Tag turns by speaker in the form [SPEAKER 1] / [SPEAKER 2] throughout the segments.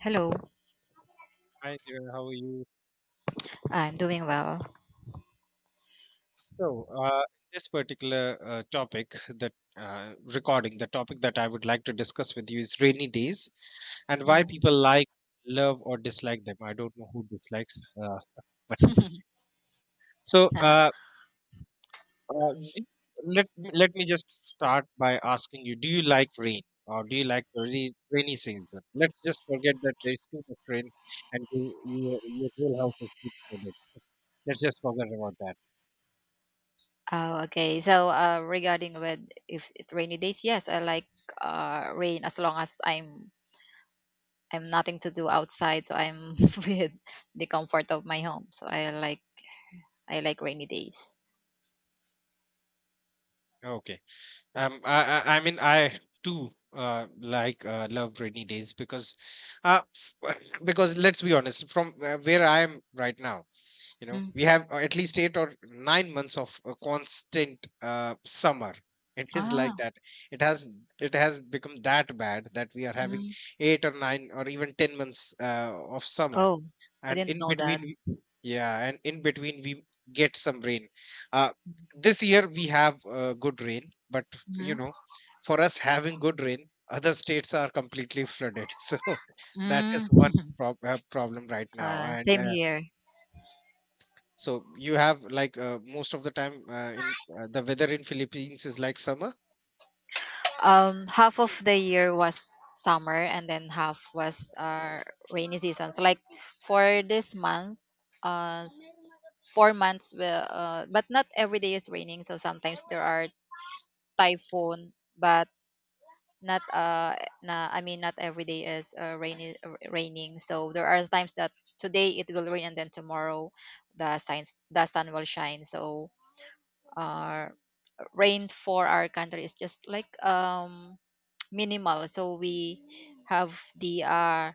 [SPEAKER 1] Hello,
[SPEAKER 2] Hi there, how are you?
[SPEAKER 1] I'm doing well.
[SPEAKER 2] So, in this particular topic that recording, the topic that I would like to discuss with you is rainy days and why
[SPEAKER 1] Mm.
[SPEAKER 2] people like, love, or dislike them. I don't know who dislikes, but still. So, uh, d- let let me just start by asking you: do you like rain, or do you like the rainy season? Let's just forget that there is too much rain and your whole house is flooded. Let's just forget about that.
[SPEAKER 1] Oh, okay. So, regarding with if it's rainy days, yes, I like rain as long as I'm nothing to do outside, so I'm with the comfort of my home. So I like rainy days.
[SPEAKER 2] Okay. I mean, I too like love rainy days because, uh, because let's be honest, from where I am right now, you know,
[SPEAKER 1] Mm.
[SPEAKER 2] we have at least 8 or 9 months of constant summer. It is like
[SPEAKER 1] Ah,
[SPEAKER 2] that. It has become that bad that we are having
[SPEAKER 1] mm.
[SPEAKER 2] eight or nine or even 10 months of summer,
[SPEAKER 1] Oh, I
[SPEAKER 2] and in
[SPEAKER 1] didn't know
[SPEAKER 2] between
[SPEAKER 1] that.
[SPEAKER 2] yeah, and in between we get some rain. uh, this year we have good rain, but you
[SPEAKER 1] Mm.
[SPEAKER 2] know, for us having good rain, other states are completely flooded so that is
[SPEAKER 1] Mm.
[SPEAKER 2] one problem right now. And
[SPEAKER 1] Same here.
[SPEAKER 2] so you have like most of the time, in the weather in Philippines is like summer.
[SPEAKER 1] Um, half of the year was summer and then half was rainy season, so like for this month uh s- 4 months will but not every day is raining, so sometimes there are typhoon, but not na, I mean not every day is raining. So there are times that today it will rain and then tomorrow the sun will shine. So uh rain for our country is just like, um, minimal. So have the uh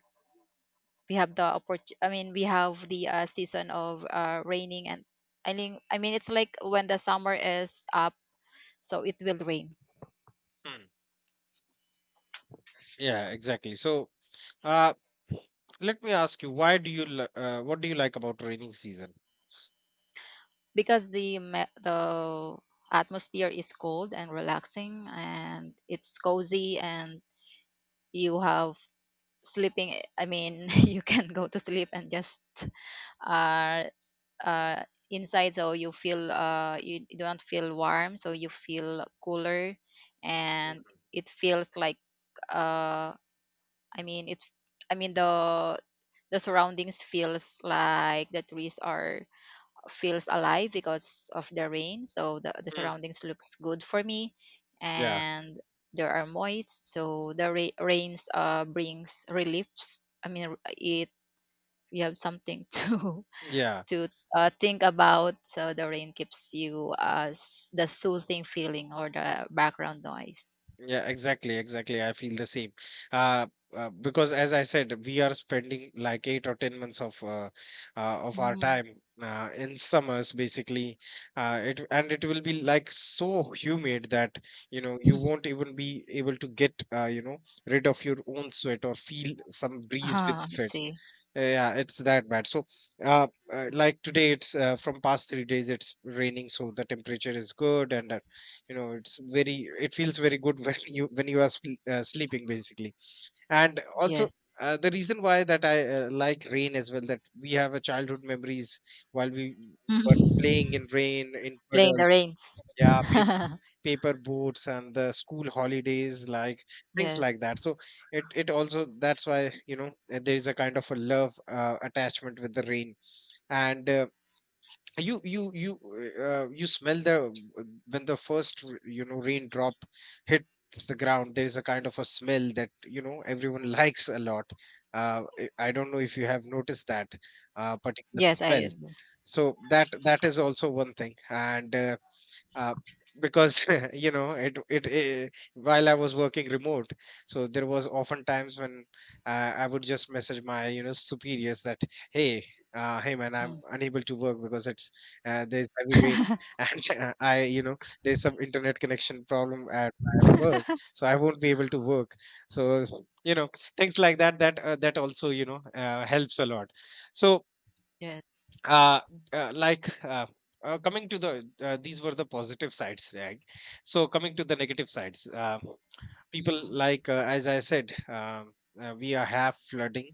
[SPEAKER 1] we have the opportunity, we have the season of raining. And it's like when the summer is up, so it will rain
[SPEAKER 2] Hmm. Yeah, exactly, so uh, let me ask you: why do you what do you like about raining season?
[SPEAKER 1] because the atmosphere is cold and relaxing, and it's cozy, and you have sleeping, you can go to sleep and just uh uh, inside, so you feel you don't feel warm, so you feel cooler. And it feels like, uh, I mean it I mean the surroundings feels like the trees are feels alive because of the rain. So the
[SPEAKER 2] Hmm.
[SPEAKER 1] surroundings looks good for me.
[SPEAKER 2] Yeah,
[SPEAKER 1] And there are moist, so the rains brings reliefs. I mean it We have something to
[SPEAKER 2] yeah.
[SPEAKER 1] to think about. So the rain gives you the soothing feeling or the background noise.
[SPEAKER 2] Yeah, exactly, exactly. I feel the same. Uh, because as I said, we are spending like 8 or 10 months of our
[SPEAKER 1] Mm.
[SPEAKER 2] time in summers, basically. It, and it will be like so humid that you know you won't even be able to get you know, rid of your own sweat or feel some breeze with
[SPEAKER 1] Ah, I
[SPEAKER 2] it.
[SPEAKER 1] see.
[SPEAKER 2] Yeah, it's that bad. So, uh, like today, it's from past 3 days, it's raining, so the temperature is good, and you know, it's very, it feels very good when you when you are sleeping, basically. And also,
[SPEAKER 1] Yes.
[SPEAKER 2] the reason why that I like rain as well, that we have a childhood memories while we were playing
[SPEAKER 1] Mm.
[SPEAKER 2] in rain in
[SPEAKER 1] Playing the
[SPEAKER 2] puddles.
[SPEAKER 1] rains.
[SPEAKER 2] Yeah, paper boats and the school holidays, like things like
[SPEAKER 1] Yes.
[SPEAKER 2] that. So it also, that's why you know, there is a kind of a love attachment with the rain. And you you smell the when the you know, raindrop hits the ground. There is a kind of a smell that you know everyone likes a lot. I don't know if you have noticed that particular
[SPEAKER 1] Yes,
[SPEAKER 2] smell.
[SPEAKER 1] I.
[SPEAKER 2] So that is also one thing. And uh, because you know while I was working remote, so there was often times when I would just message my, you know, superiors that, hey, man, I'm
[SPEAKER 1] Mm.
[SPEAKER 2] unable to work because it's there's heavy rain and I you know, there's some internet connection problem at my work, so I won't be able to work, so you know, things like that also, you know, helps a lot. So
[SPEAKER 1] Yes.
[SPEAKER 2] uh, like coming to the these were the positive sides, right? So coming to the negative sides, people
[SPEAKER 1] Mm.
[SPEAKER 2] like, as I said, we are have flooding,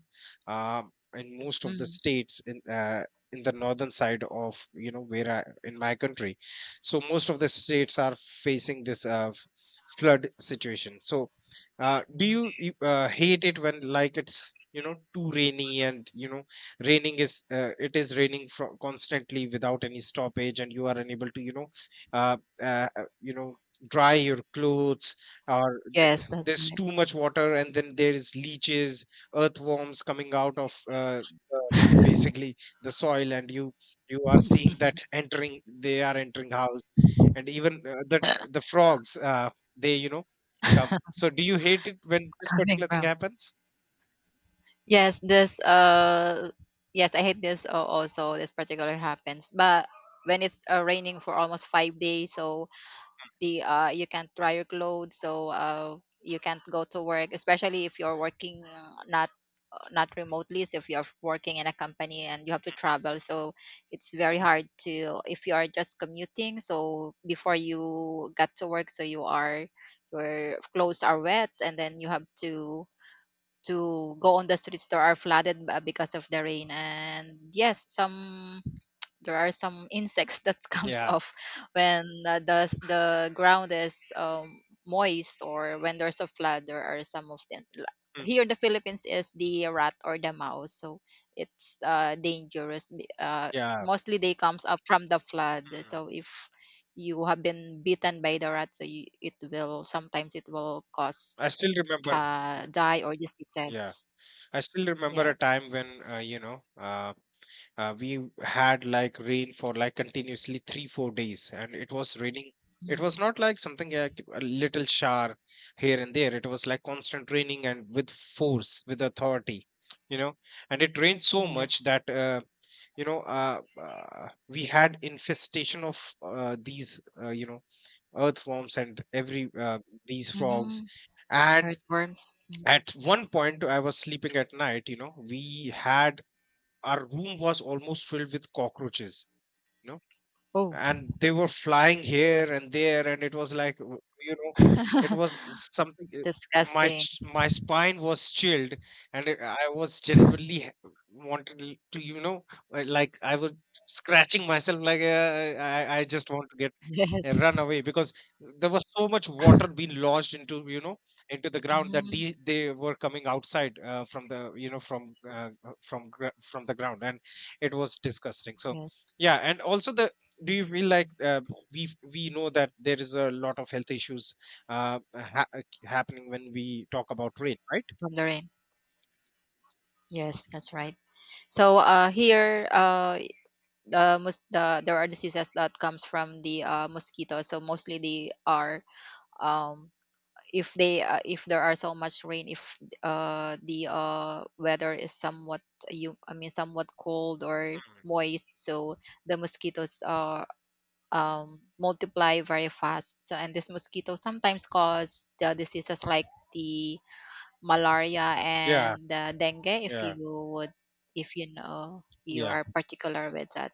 [SPEAKER 2] um, in most of the
[SPEAKER 1] Mm.
[SPEAKER 2] states in the northern side of, you know, where I, in my country, so most of the states are facing this flood situation. So do you hate it when like it's, you know, too rainy and you know, raining is it is raining from constantly without any stoppage and you are unable to, you know, you know, dry your clothes. Or
[SPEAKER 1] Yes, that's
[SPEAKER 2] there's
[SPEAKER 1] right.
[SPEAKER 2] too much water and then there is leeches, earthworms coming out of the, basically the soil, and you are seeing that entering they are entering house, and even the frogs, they, you know, come. So do you hate it when this
[SPEAKER 1] Coming
[SPEAKER 2] particular thing
[SPEAKER 1] from.
[SPEAKER 2] happens?
[SPEAKER 1] Yes, this. Yes, I hate this also. This particular happens, but when it's raining for almost 5 days, so the you can't dry your clothes. So you can't go to work, especially if you're working not not remotely. So if you're working in a company and you have to travel, so it's very hard to if you are just commuting, so before you got to work, so your clothes are wet, and then you have to go on the streets that are flooded because of the rain. And yes, some there are some insects that comes
[SPEAKER 2] Yeah.
[SPEAKER 1] off when the ground is, moist, or when there's a flood. There are some of them,
[SPEAKER 2] Mm.
[SPEAKER 1] here in the Philippines is the rat or the mouse. So it's dangerous,
[SPEAKER 2] Yeah.
[SPEAKER 1] mostly they comes up from the flood.
[SPEAKER 2] Mm.
[SPEAKER 1] So if you have been bitten by the rat, so you, it will sometimes, it will cause
[SPEAKER 2] I still remember
[SPEAKER 1] die or
[SPEAKER 2] Yeah,
[SPEAKER 1] diseases.
[SPEAKER 2] I still remember a
[SPEAKER 1] Yes.
[SPEAKER 2] time when you know, we had like rain for like continuously 3-4 days, and it was raining. It was
[SPEAKER 1] Mm,
[SPEAKER 2] not like something like a little shower here and there. It was like constant raining and with force, with authority, you know. And it rained so much
[SPEAKER 1] yes.
[SPEAKER 2] that you know, we had infestation of these, you know, earthworms and every these frogs,
[SPEAKER 1] Mm-hmm.
[SPEAKER 2] and
[SPEAKER 1] Earthworms. Mm.
[SPEAKER 2] at one point I was sleeping at night, you know, we had, our room was almost filled with cockroaches, you know,
[SPEAKER 1] Oh,
[SPEAKER 2] and they were flying
[SPEAKER 1] that
[SPEAKER 2] here and there, and it was like, you know, it was something
[SPEAKER 1] disgusting.
[SPEAKER 2] my spine was chilled, and I was genuinely wanted to, you know, like I was scratching myself, like, I just want to get and
[SPEAKER 1] Yes.
[SPEAKER 2] run away because there was so much water being launched into, you know, into the ground, that
[SPEAKER 1] Hmm.
[SPEAKER 2] they were coming outside, from the, you know, from from the ground, and it was disgusting, so
[SPEAKER 1] Yes.
[SPEAKER 2] yeah. And also the, do you feel like, we know that there is a lot of health issues uh, ha- happening when we talk about rain, right?
[SPEAKER 1] From the rain. Yes,
[SPEAKER 2] Mm.
[SPEAKER 1] that's right. So here, the there are diseases that comes from the mosquitoes. So mostly they are, um, if they if there are so much rain, if the weather is somewhat, you I mean somewhat cold or moist, so the mosquitoes are, um, multiply very fast. So and this mosquito sometimes cause the diseases like the malaria
[SPEAKER 2] Yeah,
[SPEAKER 1] and dengue if
[SPEAKER 2] yeah,
[SPEAKER 1] you would, if you know you
[SPEAKER 2] yeah.
[SPEAKER 1] are particular with that.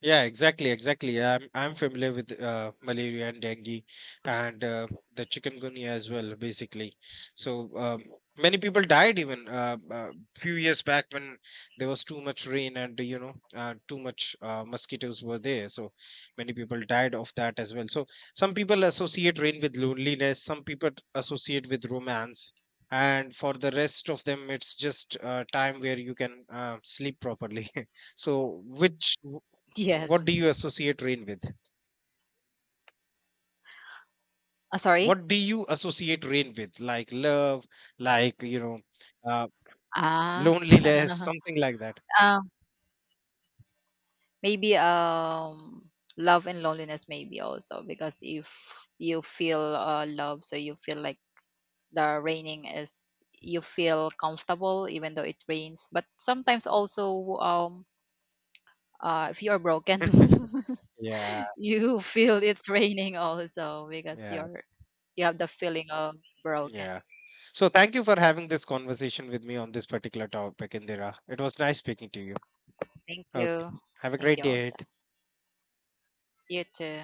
[SPEAKER 2] Yeah, exactly, exactly. I'm
[SPEAKER 1] Yes.
[SPEAKER 2] familiar with malaria and dengue, and the chikungunya as well, basically. So many people died even few years back when there was too much rain, and you know, too much, mosquitoes were there. So many people died of that as well. So some people associate rain with loneliness. Some people associate with romance. And for the rest of them, it's just time where you can sleep properly. So, which what
[SPEAKER 1] Yes.
[SPEAKER 2] do you associate rain with,
[SPEAKER 1] Uh, sorry.
[SPEAKER 2] what do you associate rain with, like love, like you know, uh,
[SPEAKER 1] Ah.
[SPEAKER 2] loneliness, something like that?
[SPEAKER 1] Maybe, um, love and loneliness, maybe also because if you feel love, so you feel like the raining is you feel comfortable even though it rains. But sometimes also, um, if you're broken,
[SPEAKER 2] Yeah.
[SPEAKER 1] you feel it's raining also because
[SPEAKER 2] Yeah,
[SPEAKER 1] you're you have the feeling of broken.
[SPEAKER 2] yeah, so thank you for having this conversation with me on this particular topic, Indira. It was nice speaking to you.
[SPEAKER 1] Thank
[SPEAKER 2] Okay.
[SPEAKER 1] you.
[SPEAKER 2] Have a
[SPEAKER 1] Thank
[SPEAKER 2] great
[SPEAKER 1] you
[SPEAKER 2] day
[SPEAKER 1] also.
[SPEAKER 2] ahead.
[SPEAKER 1] You too.